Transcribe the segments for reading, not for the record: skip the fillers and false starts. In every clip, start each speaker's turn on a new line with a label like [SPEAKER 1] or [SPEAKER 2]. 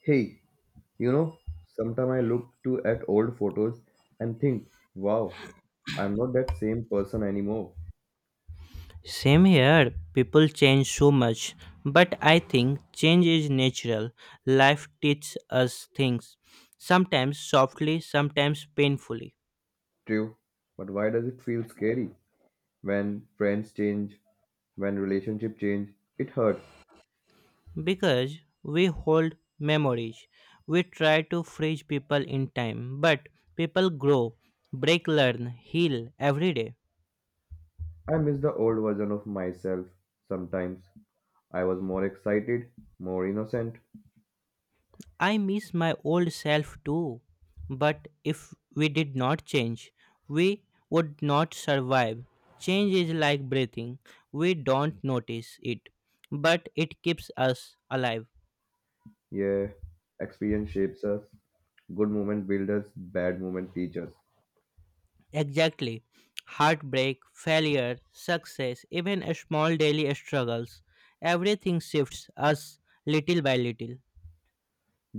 [SPEAKER 1] Hey, you know, sometimes I look to at old photos and think, wow, I'm not that same person anymore.
[SPEAKER 2] Same here, people change so much, but I think change is natural. Life teaches us things, sometimes softly, sometimes painfully,
[SPEAKER 1] True, but why does it feel scary when friends change, when relationship change? It hurts.
[SPEAKER 2] because we hold memories. We try to freeze people in time, but people grow, break, learn, heal every day.
[SPEAKER 1] I miss the old version of myself sometimes. I was more excited, more innocent.
[SPEAKER 2] I miss my old self too. But if we did not change, we would not survive. Change is like breathing, we don't notice it, but it keeps us alive.
[SPEAKER 1] Yeah, experience shapes us. Good moment build us, bad moment teach us.
[SPEAKER 2] Exactly. Heartbreak, failure, success, even small daily struggles, everything shifts us little by little.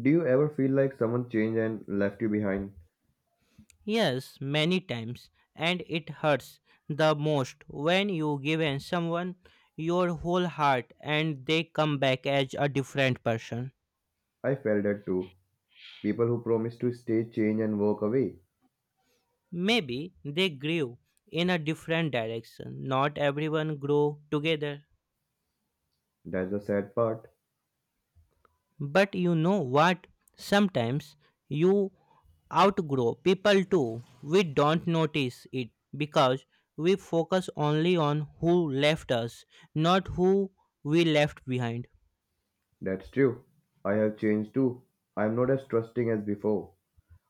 [SPEAKER 1] Do you ever feel like someone changed and left you behind?
[SPEAKER 2] Yes, many times, and it hurts the most when you give in someone your whole heart and they come back as a different person.
[SPEAKER 1] I felt that too. People who promise to stay change and walk away.
[SPEAKER 2] Maybe they grew in a different direction. Not everyone grow together.
[SPEAKER 1] That's the sad part.
[SPEAKER 2] But you know what? Sometimes you outgrow people too. We don't notice it because we focus only on who left us, not who we left behind.
[SPEAKER 1] That's true. I have changed too. I am not as trusting as before.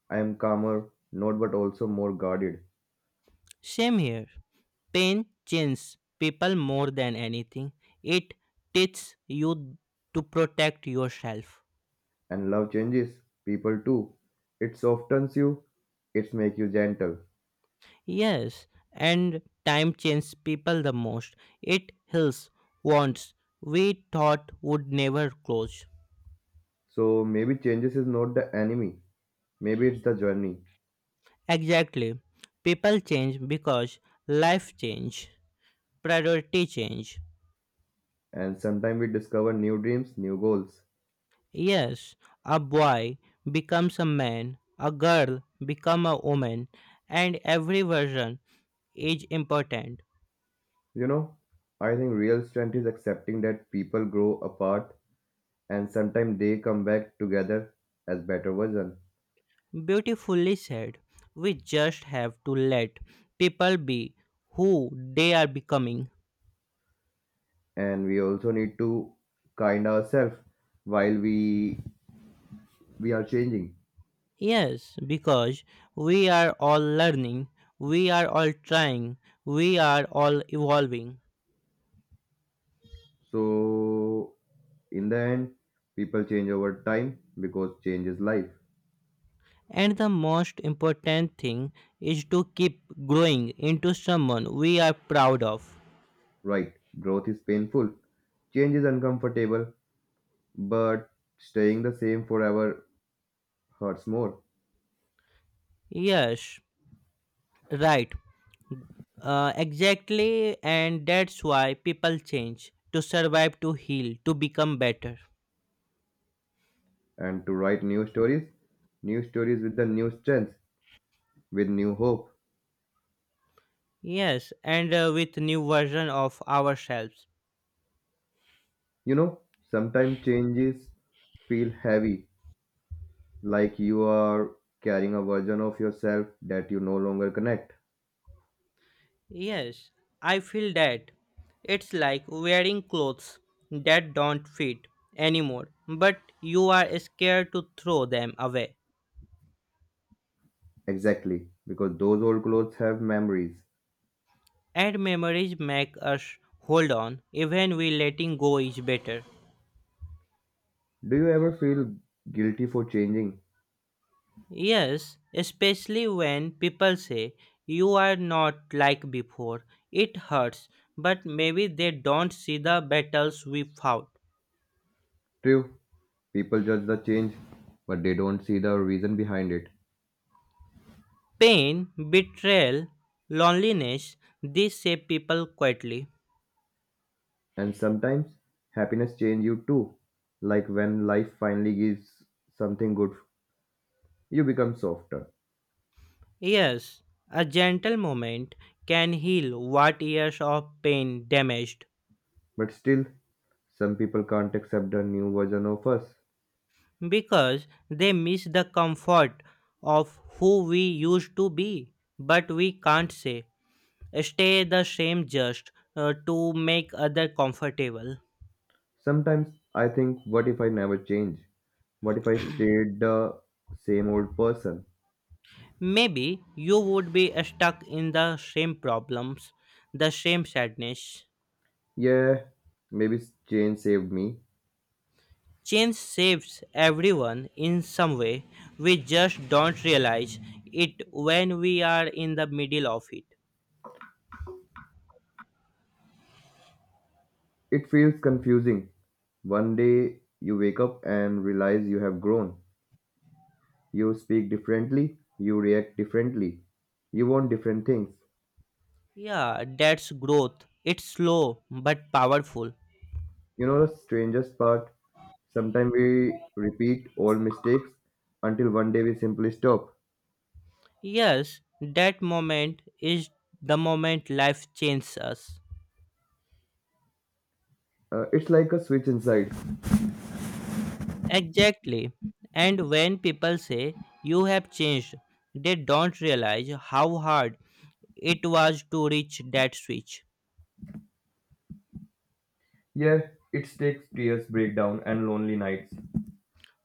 [SPEAKER 1] I am calmer, not but also more guarded.
[SPEAKER 2] Same here. Pain changes people more than anything. It teaches you to protect yourself.
[SPEAKER 1] And love changes. People too. It softens you. It makes you gentle.
[SPEAKER 2] Yes, and time changes people the most. It heals wounds we thought would never close.
[SPEAKER 1] So maybe changes is not the enemy. Maybe it's the journey.
[SPEAKER 2] Exactly. People change because life change, priority change,
[SPEAKER 1] And sometimes we discover new dreams, new goals.
[SPEAKER 2] yes, a boy becomes a man, a girl become a woman, and every version is important.
[SPEAKER 1] You know, I think real strength is accepting that people grow apart and sometimes they come back together as better version.
[SPEAKER 2] Beautifully said. We just have to let people be who they are becoming.
[SPEAKER 1] And we also need to kind ourselves while we are changing.
[SPEAKER 2] Yes, because we are all learning, we are all trying, we are all evolving.
[SPEAKER 1] So in the end people change over time because change is life.
[SPEAKER 2] And the most important thing is to keep growing into someone we are proud of.
[SPEAKER 1] Right, growth is painful, change is uncomfortable, but staying the same forever hurts more.
[SPEAKER 2] Yes, right, exactly, and that's why people change to survive, to heal, to become better.
[SPEAKER 1] And to write new stories, new stories with the new strength, with new hope.
[SPEAKER 2] Yes, and with new version of ourselves.
[SPEAKER 1] You know, sometimes changes feel heavy. Like you are carrying a version of yourself that you no longer connect.
[SPEAKER 2] Yes, I feel that it's like wearing clothes that don't fit anymore, but you are scared to throw them away.
[SPEAKER 1] Exactly, because those old clothes have memories.
[SPEAKER 2] And memories make us hold on, even we letting go is better.
[SPEAKER 1] Do you ever feel guilty for changing?
[SPEAKER 2] Yes, especially when people say you are not like before. It hurts, but maybe they don't see the battles we fought.
[SPEAKER 1] True, people judge the change, but they don't see the reason behind it.
[SPEAKER 2] Pain, betrayal, loneliness, these shape people quietly.
[SPEAKER 1] And sometimes happiness changes you too. Like when life finally gives something good, you become softer.
[SPEAKER 2] Yes, a gentle moment can heal what years of pain damaged
[SPEAKER 1] But still, some people can't accept the new version of us.
[SPEAKER 2] because they miss the comfort of who we used to be, but we can't say stay the same just to make other comfortable.
[SPEAKER 1] Sometimes I think, what if I never change? What if I stayed the same old person?
[SPEAKER 2] Maybe you would be stuck in the same problems, the same sadness.
[SPEAKER 1] Yeah, maybe change saved me.
[SPEAKER 2] Change shapes everyone in some way, we just don't realize it when we are in the middle of it.
[SPEAKER 1] It feels confusing. One day you wake up and realize you have grown. You speak differently, you react differently, you want different things.
[SPEAKER 2] Yeah, that's growth, it's slow but powerful.
[SPEAKER 1] You know the strangest part? Sometimes we repeat old mistakes until one day we simply stop.
[SPEAKER 2] Yes, that moment is the moment life changes us.
[SPEAKER 1] It's like a switch inside.
[SPEAKER 2] Exactly. And when people say you have changed, they don't realize how hard it was to reach that switch.
[SPEAKER 1] Yeah, it takes tears, breakdown, and lonely nights.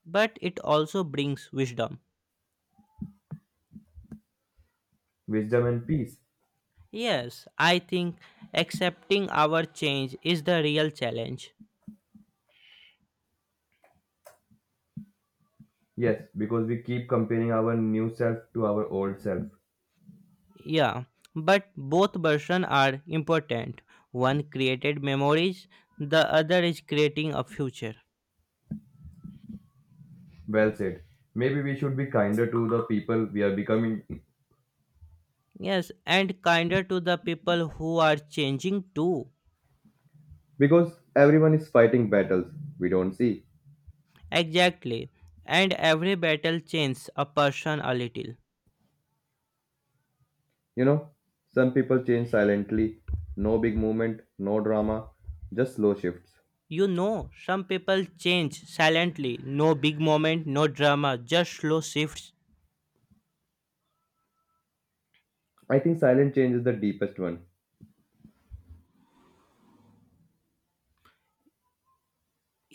[SPEAKER 2] But it also brings wisdom.
[SPEAKER 1] Wisdom and peace.
[SPEAKER 2] Yes, I think accepting our change is the real challenge.
[SPEAKER 1] Yes, because we keep comparing our new self to our old self.
[SPEAKER 2] Yeah, but both versions are important. One created memories, the other is creating a future.
[SPEAKER 1] Well said. Maybe we should be kinder to the people we are becoming.
[SPEAKER 2] Yes, and kinder to the people who are changing too.
[SPEAKER 1] Because everyone is fighting battles we don't see.
[SPEAKER 2] Exactly. And every battle changes a person a little.
[SPEAKER 1] You know, some people change silently. No big movement, no drama, just slow shifts.
[SPEAKER 2] You know, some people change silently. No big moment, no drama, just slow shifts.
[SPEAKER 1] I think silent change is the deepest one,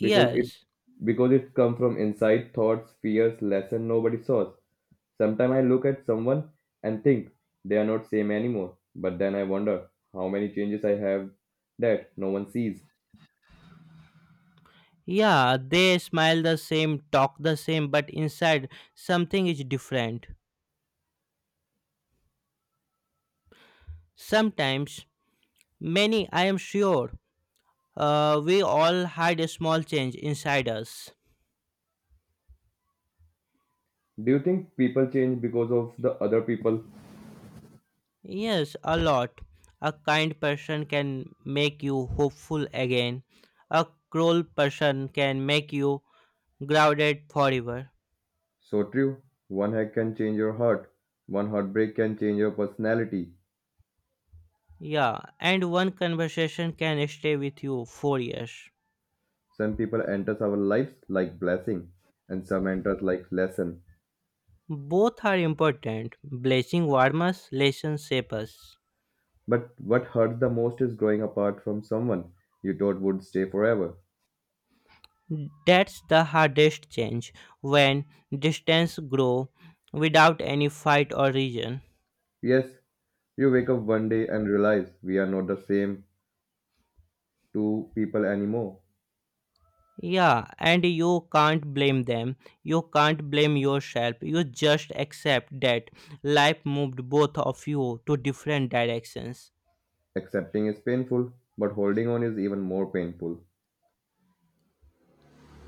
[SPEAKER 1] because it because it comes from inside thoughts, fears, lesson nobody saws. Sometimes I look at someone and think they are not same anymore, but then I wonder how many changes I have that no one sees.
[SPEAKER 2] Yeah, they smile the same, talk the same, but inside something is different. Sometimes, many, I am sure, we all hide a small change inside us.
[SPEAKER 1] Do you think people change because of the other people?
[SPEAKER 2] Yes, a lot. A kind person can make you hopeful again. A cruel person can make you grounded forever.
[SPEAKER 1] So true. One hack can change your heart. One heartbreak can change your personality.
[SPEAKER 2] Yeah, and one conversation can stay with you for years.
[SPEAKER 1] Some people enters our lives like blessing and some enters like lesson.
[SPEAKER 2] Both are important. Blessing warm us, lessons shape us.
[SPEAKER 1] But what hurts the most is growing apart from someone you thought would stay forever.
[SPEAKER 2] That's the hardest change, when distance grow without any fight or reason.
[SPEAKER 1] Yes, you wake up one day and realize we are not the same to people anymore.
[SPEAKER 2] Yeah, and you can't blame them. You can't blame yourself. You just accept that life moved both of you to different directions.
[SPEAKER 1] Accepting is painful, but holding on is even more painful.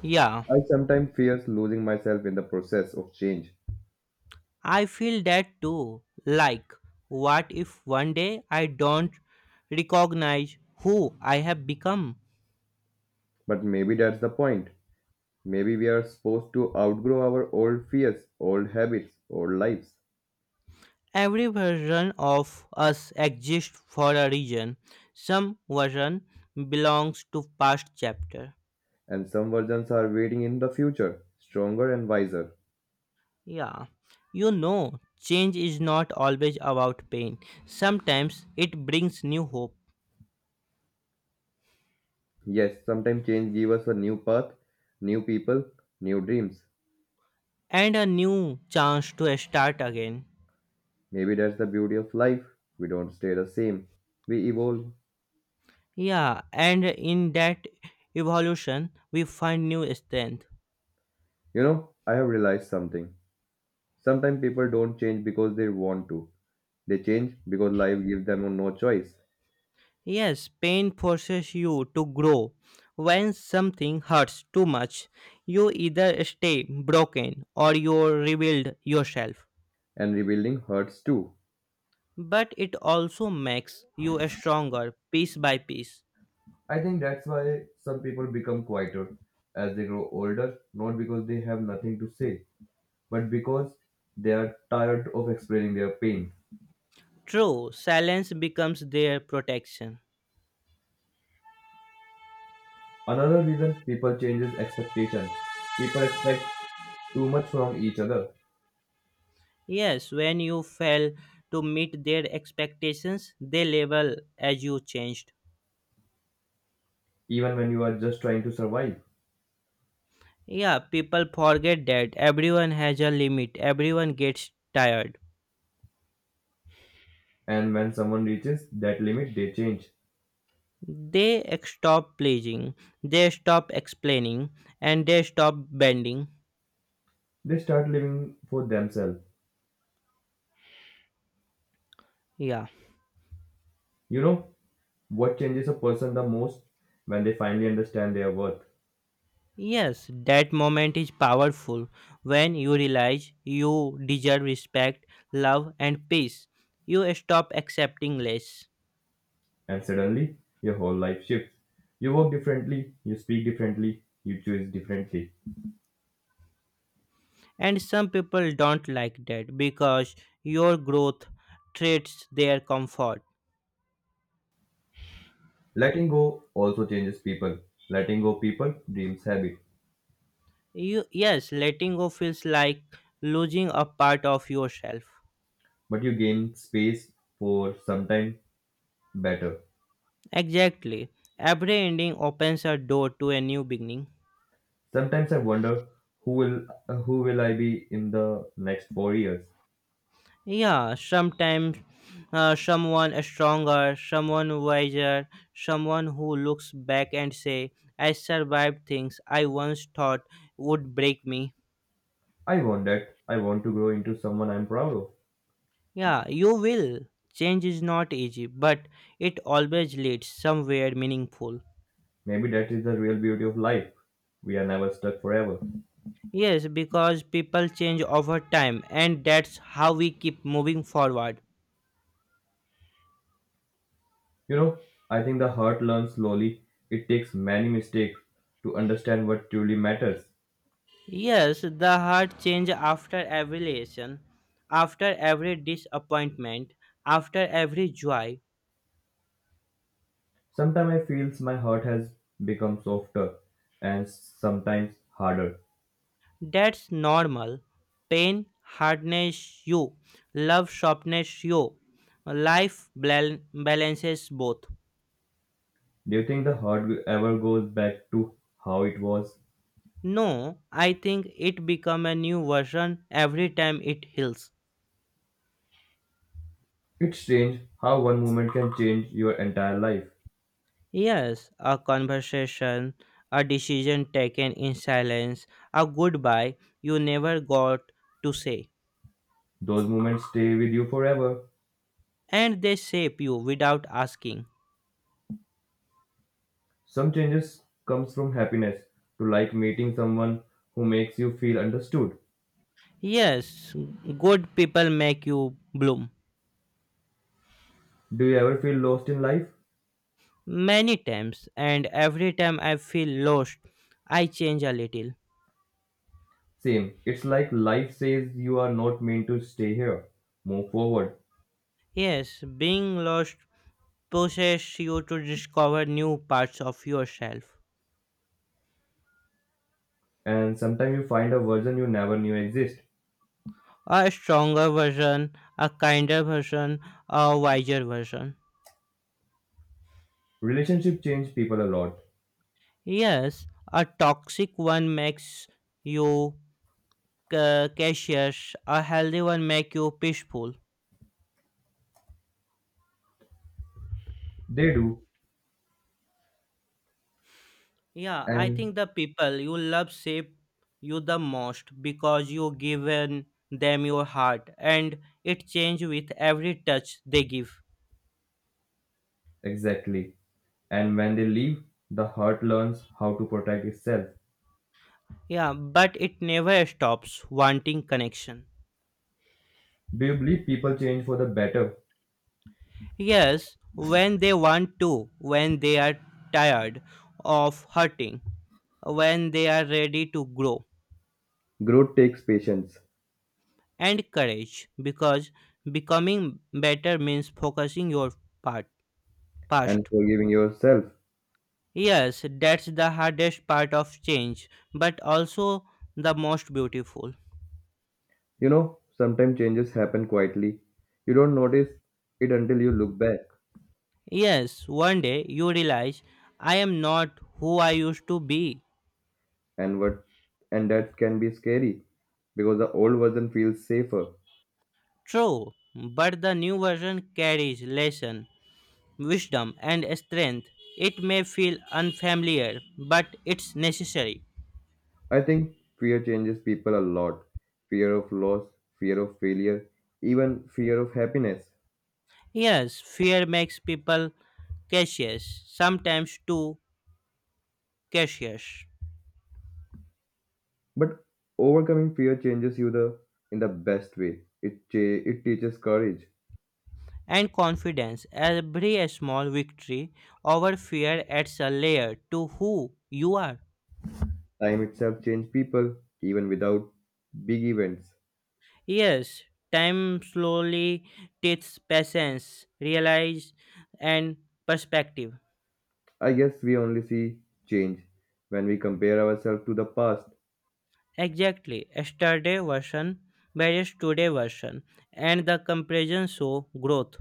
[SPEAKER 2] Yeah,
[SPEAKER 1] I sometimes fear losing myself in the process of change,
[SPEAKER 2] I feel that too. Like, what if one day I don't recognize who I have become?
[SPEAKER 1] but maybe that's the point. Maybe we are supposed to outgrow our old fears, old habits, old lives,
[SPEAKER 2] Every version of us exists for a reason. Some version belongs to past chapter.
[SPEAKER 1] and some versions are waiting in the future, stronger and wiser.
[SPEAKER 2] Yeah, you know, change is not always about pain. Sometimes it brings new hope
[SPEAKER 1] Yes, sometimes change gives us a new path, new people, new dreams.
[SPEAKER 2] and a new chance to start again.
[SPEAKER 1] Maybe that's the beauty of life. We don't stay the same, we evolve.
[SPEAKER 2] Yeah, and in that evolution, we find new strength.
[SPEAKER 1] You know, I have realized something. Sometimes people don't change because they want to. They change because life gives them no choice.
[SPEAKER 2] Yes, pain forces you to grow. When something hurts too much, you either stay broken or you rebuild yourself.
[SPEAKER 1] And rebuilding hurts too.
[SPEAKER 2] But it also makes you stronger piece by piece.
[SPEAKER 1] I think that's why some people become quieter as they grow older, not because they have nothing to say, but because they are tired of explaining their pain.
[SPEAKER 2] True, silence becomes their protection.
[SPEAKER 1] Another reason people change is expectation. People expect too much from each other,
[SPEAKER 2] Yes, when you fail to meet their expectations, they label as you changed.
[SPEAKER 1] even when you are just trying to survive.
[SPEAKER 2] Yeah, people forget that everyone has a limit, everyone gets tired.
[SPEAKER 1] And when someone reaches that limit, they change.
[SPEAKER 2] They stop pleasing, they stop explaining, and they stop bending.
[SPEAKER 1] They start living for themselves.
[SPEAKER 2] Yeah.
[SPEAKER 1] You know, what changes a person the most when they finally understand their worth,
[SPEAKER 2] Yes, that moment is powerful when you realize you deserve respect, love, and peace. You stop accepting less.
[SPEAKER 1] and suddenly your whole life shifts. You work differently, you speak differently, you choose differently.
[SPEAKER 2] And some people don't like that because your growth threats their comfort.
[SPEAKER 1] Letting go also changes people. Letting go people dreams habit,
[SPEAKER 2] You, yes, letting go feels like losing a part of yourself.
[SPEAKER 1] but you gain space for sometime better.
[SPEAKER 2] Exactly. Every ending opens a door to a new beginning.
[SPEAKER 1] Sometimes I wonder who will who will I be in the next 4 years.
[SPEAKER 2] Yeah, sometimes someone stronger, someone wiser, someone who looks back and say, I survived things I once thought would break me.
[SPEAKER 1] I want that. I want to grow into someone I'm proud of.
[SPEAKER 2] Yeah, you will. Change is not easy, but it always leads somewhere meaningful.
[SPEAKER 1] Maybe that is the real beauty of life. We are never stuck forever.
[SPEAKER 2] Yes, because people change over time, and that's how we keep moving forward.
[SPEAKER 1] You know, I think the heart learns slowly. It takes many mistakes to understand what truly matters.
[SPEAKER 2] Yes, the heart change after every lesson, after every disappointment, after every joy.
[SPEAKER 1] Sometimes I feel my heart has become softer and sometimes harder.
[SPEAKER 2] That's normal. Pain hardness you, love sharpness you. Life balances both.
[SPEAKER 1] Do you think the heart ever goes back to how it was?
[SPEAKER 2] No, I think it become a new version every time it heals.
[SPEAKER 1] It's strange how one moment can change your entire life.
[SPEAKER 2] Yes, a conversation, a decision taken in silence, a goodbye you never got to say.
[SPEAKER 1] Those moments stay with you forever.
[SPEAKER 2] And they shape you without asking.
[SPEAKER 1] Some changes comes from happiness to like meeting someone who makes you feel understood.
[SPEAKER 2] Yes, good people make you bloom.
[SPEAKER 1] Do you ever feel lost in life?
[SPEAKER 2] Many times, and every time I feel lost, I change a little.
[SPEAKER 1] Same. It's like life says you are not meant to stay here. Move forward.
[SPEAKER 2] Yes, being lost pushes you to discover new parts of yourself.
[SPEAKER 1] And sometimes you find a version you never knew exist.
[SPEAKER 2] A stronger version, a kinder version, a wiser version.
[SPEAKER 1] Relationship change people a lot.
[SPEAKER 2] Yes, a toxic one makes you cautious, a healthy one makes you peaceful.
[SPEAKER 1] They do.
[SPEAKER 2] Yeah, I
[SPEAKER 1] And
[SPEAKER 2] think the people you love shape you the most because you given them your heart and it change with every touch they give.
[SPEAKER 1] exactly. And when they leave, the heart learns how to protect itself.
[SPEAKER 2] Yeah, but it never stops wanting connection.
[SPEAKER 1] Do you believe people change for the better?
[SPEAKER 2] Yes, when they want to, when they are tired of hurting, when they are ready to grow.
[SPEAKER 1] Growth takes patience
[SPEAKER 2] And courage, because becoming better means focusing your part,
[SPEAKER 1] and
[SPEAKER 2] past.
[SPEAKER 1] forgiving yourself.
[SPEAKER 2] Yes, that's the hardest part of change, but also the most beautiful.
[SPEAKER 1] You know, sometimes changes happen quietly. You don't notice it until you look back.
[SPEAKER 2] Yes, one day you realize I am not who I used to be.
[SPEAKER 1] and what and that can be scary because the old version feels safer.
[SPEAKER 2] True, but the new version carries lesson, wisdom, and strength. It may feel unfamiliar, but it's necessary.
[SPEAKER 1] I think fear changes people a lot. Fear of loss, fear of failure, even fear of happiness.
[SPEAKER 2] Yes, fear makes people cautious, sometimes too cautious,
[SPEAKER 1] But overcoming fear changes you the in the best way. It teaches courage.
[SPEAKER 2] and confidence. Every small victory over fear adds a layer to who you are.
[SPEAKER 1] Time itself changes people even without big events.
[SPEAKER 2] Yes, time slowly teaches patience, realize, and perspective.
[SPEAKER 1] I guess we only see change when we compare ourselves to the past.
[SPEAKER 2] Exactly, yesterday version versus today version, and the comparison show growth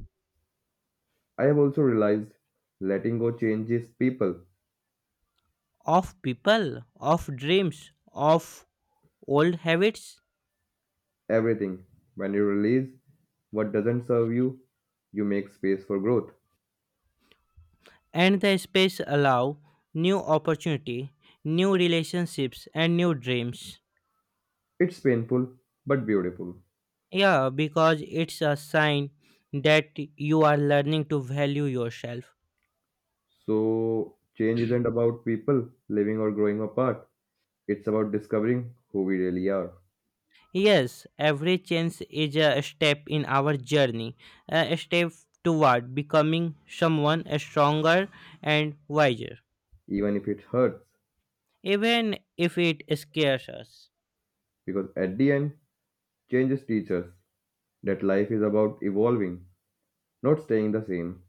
[SPEAKER 1] I have also realized letting go changes people.
[SPEAKER 2] of people, of dreams, of old habits,
[SPEAKER 1] Everything. When you release what doesn't serve you, you make space for growth.
[SPEAKER 2] and the space allow new opportunity, new relationships, and new dreams.
[SPEAKER 1] It's painful but beautiful.
[SPEAKER 2] Yeah, because it's a sign that you are learning to value yourself.
[SPEAKER 1] So, change isn't about people living or growing apart, it's about discovering who we really are,
[SPEAKER 2] Yes, every change is a step in our journey, a step toward becoming someone stronger and wiser,
[SPEAKER 1] even if it hurts.
[SPEAKER 2] even if it scares us.
[SPEAKER 1] Because at the end, changes teach us that life is about evolving, not staying the same.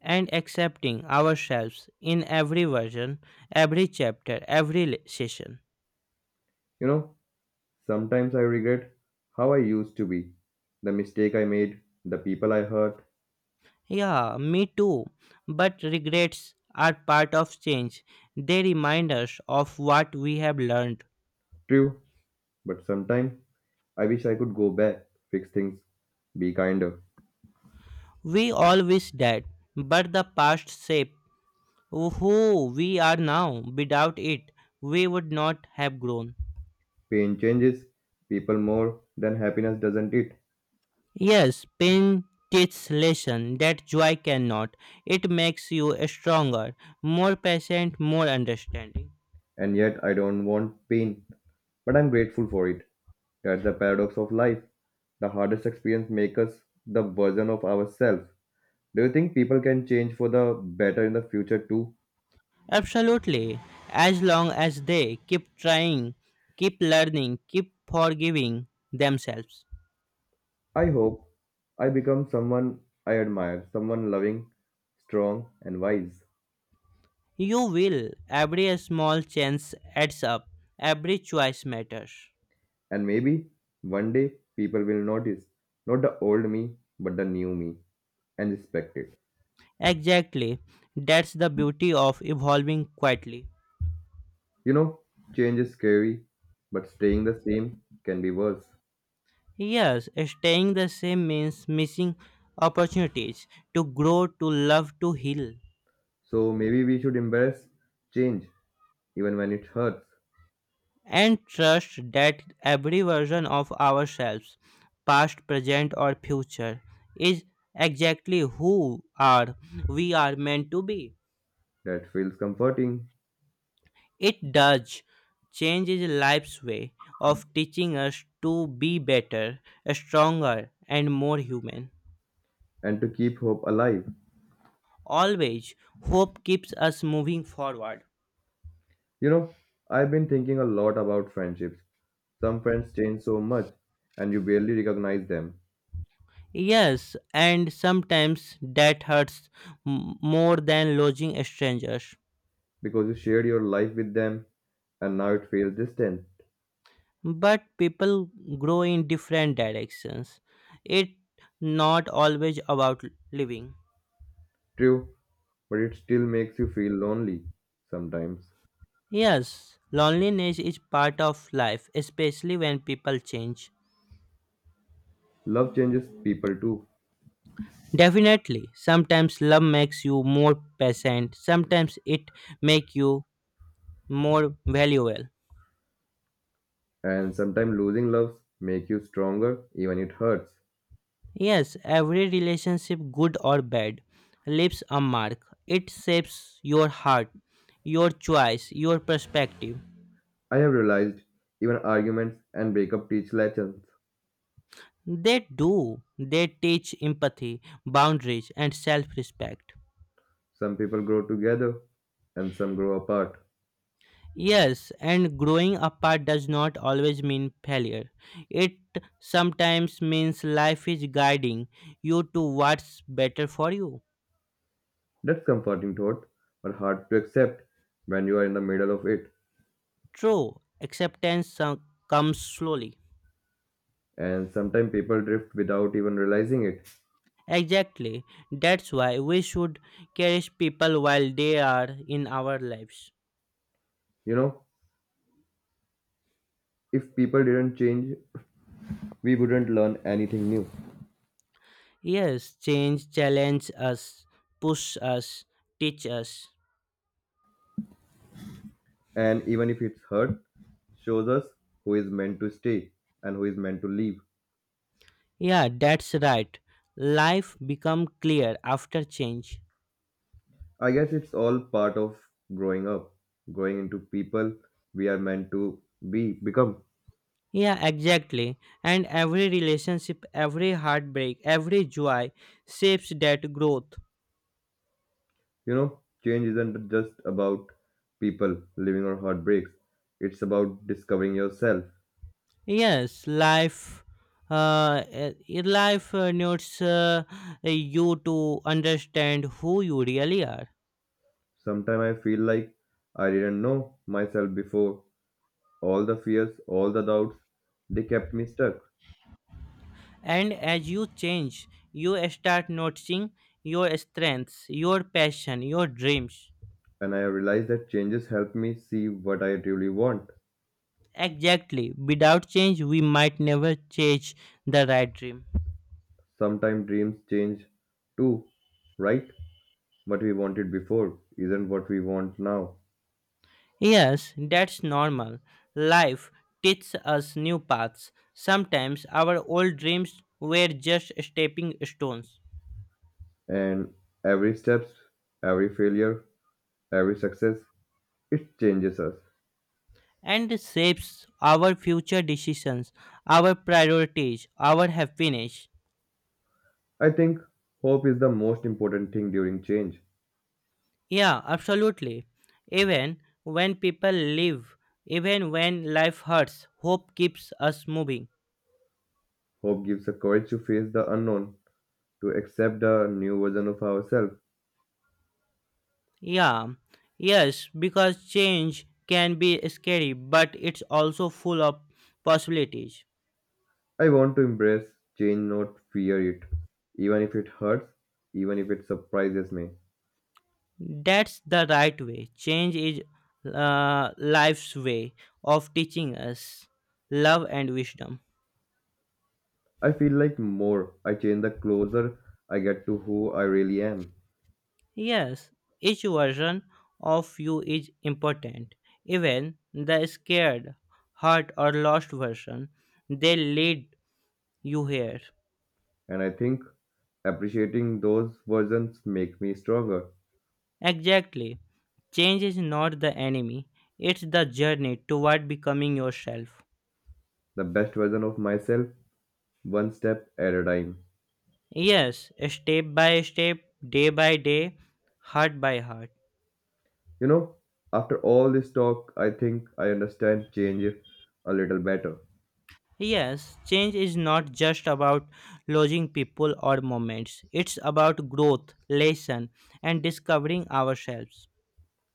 [SPEAKER 2] And accepting ourselves in every version, every chapter, every session.
[SPEAKER 1] You know, sometimes I regret how I used to be, the mistake I made, the people I hurt.
[SPEAKER 2] Yeah, me too. But regrets are part of change. They remind us of what we have learned.
[SPEAKER 1] True, but sometimes I wish I could go back, fix things, be kinder.
[SPEAKER 2] We all wish that, but the past shape who we are now, without it, we would not have grown.
[SPEAKER 1] Pain changes people more than happiness, doesn't it?
[SPEAKER 2] Yes, pain teaches lesson that joy cannot. It makes you stronger, more patient, more understanding.
[SPEAKER 1] And yet I don't want pain, but I'm grateful for it. That's the paradox of life. The hardest experience makes us the version of ourselves. Do you think people can change for the better in the future too?
[SPEAKER 2] Absolutely. As long as they keep trying, keep learning, keep forgiving themselves.
[SPEAKER 1] I hope I become someone I admire, someone loving, strong, and wise.
[SPEAKER 2] You will. Every small chance adds up. Every choice matters.
[SPEAKER 1] And maybe one day people will notice not the old me, but the new me, and respect it.
[SPEAKER 2] Exactly. That's the beauty of evolving quietly.
[SPEAKER 1] You know, change is scary, but staying the same can be worse.
[SPEAKER 2] Yes, staying the same means missing opportunities to grow, to love, to heal,
[SPEAKER 1] So maybe we should embrace change, even when it hurts.
[SPEAKER 2] and trust that every version of ourselves, past, present, or future, is exactly who are we are meant to be.
[SPEAKER 1] That feels comforting,
[SPEAKER 2] It does, change is life's way of teaching us to be better, stronger, and more human.
[SPEAKER 1] and to keep hope alive.
[SPEAKER 2] Always, hope keeps us moving forward.
[SPEAKER 1] You know, I've been thinking a lot about friendships. Some friends change so much and you barely recognize them
[SPEAKER 2] Yes, and sometimes that hurts more than losing strangers.
[SPEAKER 1] because you shared your life with them and now it feels distant.
[SPEAKER 2] But people grow in different directions. It not always about living.
[SPEAKER 1] True, but it still makes you feel lonely sometimes.
[SPEAKER 2] Yes, loneliness is part of life, especially when people change.
[SPEAKER 1] Love changes people too.
[SPEAKER 2] Definitely, sometimes love makes you more patient. Sometimes it make you more valuable.
[SPEAKER 1] And sometimes losing loves make you stronger, even it hurts.
[SPEAKER 2] Yes, every relationship, good or bad, leaves a mark. It shapes your heart, your choice, your perspective.
[SPEAKER 1] I have realized even arguments and breakup teach lessons.
[SPEAKER 2] They do. They teach empathy, boundaries, and self respect.
[SPEAKER 1] Some people grow together and some grow apart.
[SPEAKER 2] Yes, and growing apart does not always mean failure. It sometimes means life is guiding you to what's better for you.
[SPEAKER 1] That's comforting thought, but hard to accept when you are in the middle of it.
[SPEAKER 2] True, acceptance comes slowly.
[SPEAKER 1] And sometimes people drift without even realizing it.
[SPEAKER 2] Exactly. That's why we should cherish people while they are in our lives.
[SPEAKER 1] You know, if people didn't change, we wouldn't learn anything new.
[SPEAKER 2] Yes, change challenge us, push us, teach us.
[SPEAKER 1] And even if it's hurt, shows us who is meant to stay and who is meant to leave.
[SPEAKER 2] Yeah, that's right. Life become clear after change.
[SPEAKER 1] I guess it's all part of growing up, growing into people we are meant to be, become.
[SPEAKER 2] Yeah, exactly. And every relationship, every heartbreak, every joy shapes that growth.
[SPEAKER 1] You know, change isn't just about people, living or heartbreaks. It's about discovering yourself.
[SPEAKER 2] Yes, life, life needs you to understand who you really are.
[SPEAKER 1] Sometimes I feel like I didn't know myself before. All the fears, all the doubts, they kept me stuck.
[SPEAKER 2] And as you change, you start noticing your strengths, your passion, your dreams.
[SPEAKER 1] And I realized that changes help me see what I truly want.
[SPEAKER 2] Exactly. Without change, we might never chase the right dream.
[SPEAKER 1] Sometimes dreams change too, right? What we wanted before isn't what we want now.
[SPEAKER 2] Yes, that's normal. Life teaches us new paths. Sometimes our old dreams were just stepping stones.
[SPEAKER 1] And every steps, every failure, every success, it changes us.
[SPEAKER 2] And shapes our future decisions, our priorities, our happiness.
[SPEAKER 1] I think hope is the most important thing during change.
[SPEAKER 2] Yeah, absolutely. Even when people live, even when life hurts, hope keeps us moving.
[SPEAKER 1] Hope gives us courage to face the unknown, to accept the new version of ourselves.
[SPEAKER 2] Yeah, yes, because change can be scary, but it's also full of possibilities.
[SPEAKER 1] I want to embrace change, not fear it. Even if it hurts, even if it surprises me.
[SPEAKER 2] That's the right way. Change is life's way of teaching us love and wisdom.
[SPEAKER 1] I feel like more I change the closer I get to who I really am.
[SPEAKER 2] Yes, each version of you is important. Even the scared, hurt, or lost version, they lead you here.
[SPEAKER 1] And I think appreciating those versions make me stronger,
[SPEAKER 2] Exactly. Change is not the enemy, it's the journey toward becoming yourself.
[SPEAKER 1] the best version of myself one step at a time.
[SPEAKER 2] Yes, step by step, day by day, heart by heart.
[SPEAKER 1] You know, after all this talk, I think I understand change a little better.
[SPEAKER 2] Yes, change is not just about losing people or moments, it's about growth, lesson, and discovering ourselves.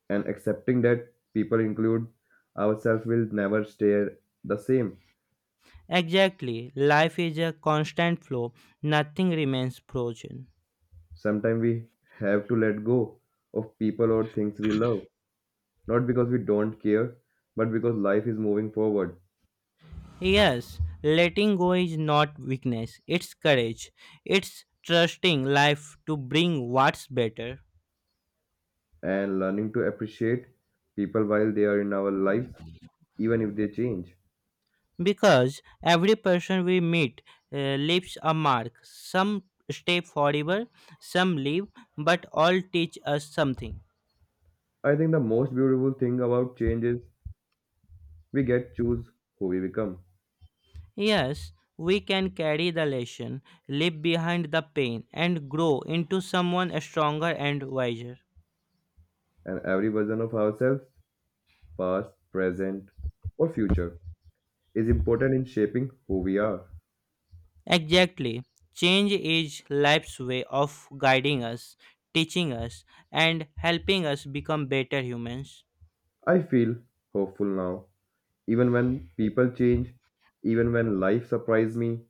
[SPEAKER 1] And accepting that people include ourselves will never stay the same.
[SPEAKER 2] Exactly. Life is a constant flow, nothing remains frozen.
[SPEAKER 1] Sometimes we have to let go of people or things we love, not because we don't care, but because life is moving forward,
[SPEAKER 2] Yes, letting go is not weakness, it's courage. It's trusting life to bring what's better.
[SPEAKER 1] and learning to appreciate people while they are in our lives, even if they change.
[SPEAKER 2] Because every person we meet leaves a mark. Some stay forever, some leave, but all teach us something.
[SPEAKER 1] I think the most beautiful thing about change is we get choose who we become.
[SPEAKER 2] Yes, we can carry the lesson, leave behind the pain, and grow into someone stronger and wiser.
[SPEAKER 1] And every version of ourselves, past, present, or future, is important in shaping who we are.
[SPEAKER 2] Exactly. Change is life's way of guiding us, teaching us, and helping us become better humans.
[SPEAKER 1] I feel hopeful now. Even when people change, even when life surprises me,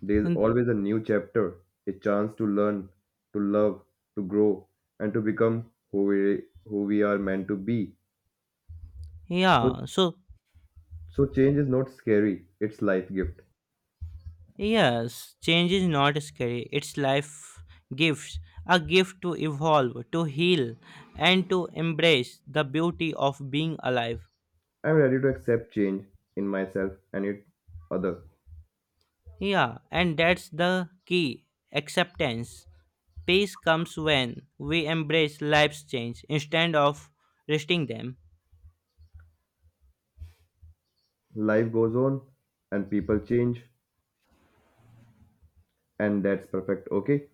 [SPEAKER 1] there is
[SPEAKER 2] And
[SPEAKER 1] always a new chapter, a chance to learn, to love, to grow, and to become who we are meant to be. So,
[SPEAKER 2] yeah, so
[SPEAKER 1] so change is not scary, it's life gift.
[SPEAKER 2] yes, change is not scary, it's life gifts. A gift to evolve, to heal, and to embrace the beauty of being alive.
[SPEAKER 1] I'm ready to accept change in myself and it other.
[SPEAKER 2] Yeah, and that's the key acceptance. Peace comes when we embrace life's change instead of resisting them.
[SPEAKER 1] Life goes on and people change. And that's perfect, okay?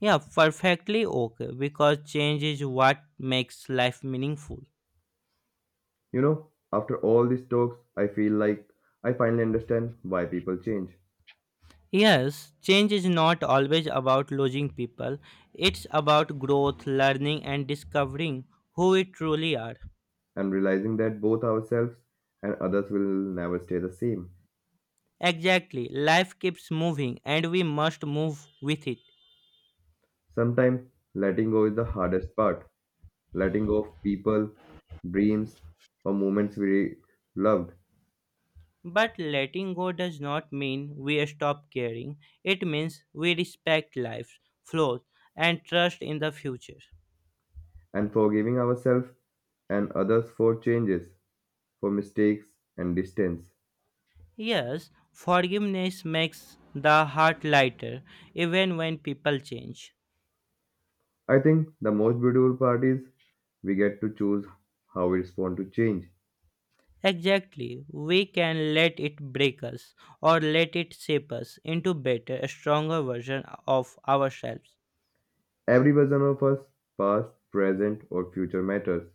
[SPEAKER 2] Yeah, perfectly okay because change is what makes life meaningful.
[SPEAKER 1] You know, after all these talks, I feel like I finally understand why people change.
[SPEAKER 2] Yes, change is not always about losing people, it's about growth, learning, and discovering who we truly are.
[SPEAKER 1] I'm realizing that both ourselves and others will never stay the same.
[SPEAKER 2] Exactly, life keeps moving and we must move with it.
[SPEAKER 1] Sometimes letting go is the hardest part. Letting go of people, dreams, or moments we loved,
[SPEAKER 2] But letting go does not mean we stop caring, it means we respect life's flows and trust in the future.
[SPEAKER 1] and forgiving ourselves and others for changes, for mistakes and distance.
[SPEAKER 2] Yes, forgiveness makes the heart lighter even when people change.
[SPEAKER 1] I think the most beautiful part is we get to choose how we respond to change.
[SPEAKER 2] Exactly, we can let it break us or let it shape us into better, stronger version of ourselves.
[SPEAKER 1] Every version of us, past, present, or future, matters.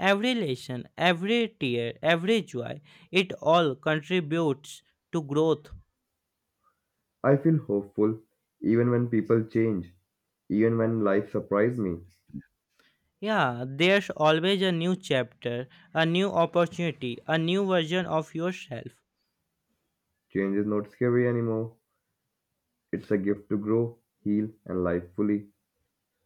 [SPEAKER 2] Every lesson, every tear, every joy, it all contributes to growth.
[SPEAKER 1] I feel hopeful even when people change, even when life surprises me.
[SPEAKER 2] Yeah, there's always a new chapter, a new opportunity, a new version of yourself.
[SPEAKER 1] Change is not scary anymore. It's a gift to grow, heal, and live fully.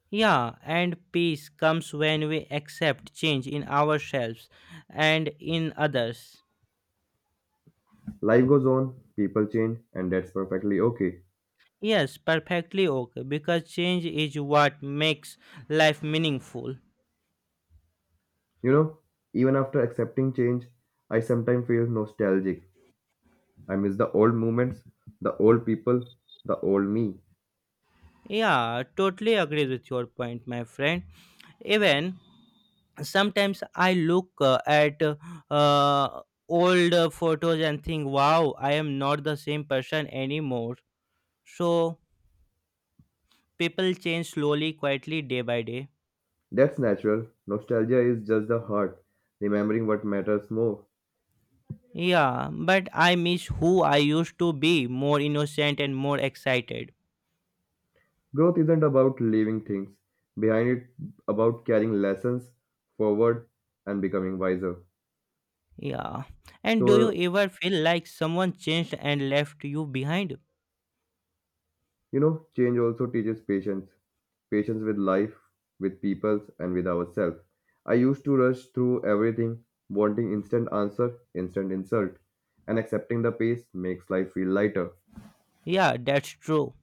[SPEAKER 2] Yeah, and peace comes when we accept change in ourselves and in others.
[SPEAKER 1] Life goes on, people change, and that's perfectly okay.
[SPEAKER 2] Yes, perfectly okay, because change is what makes life meaningful.
[SPEAKER 1] You know, even after accepting change, I sometimes feel nostalgic. I miss the old moments, the old people, the old me.
[SPEAKER 2] Yeah, totally agree with your point, my friend. Even sometimes I look at old photos and think, wow, I am not the same person anymore. So people change slowly, quietly, day by day.
[SPEAKER 1] That's natural. Nostalgia is just the heart remembering what matters more.
[SPEAKER 2] Yeah, but I miss who I used to be, more innocent and more excited.
[SPEAKER 1] Growth isn't about leaving things behind, it about carrying lessons forward and becoming wiser.
[SPEAKER 2] Yeah. And do
[SPEAKER 1] So,
[SPEAKER 2] you ever feel like someone changed and left you behind?
[SPEAKER 1] you know, change also teaches patience with life, with people, and with ourselves. I used to rush through everything, wanting instant answer, instant insult, and accepting the pace makes life feel lighter.
[SPEAKER 2] Yeah, that's true.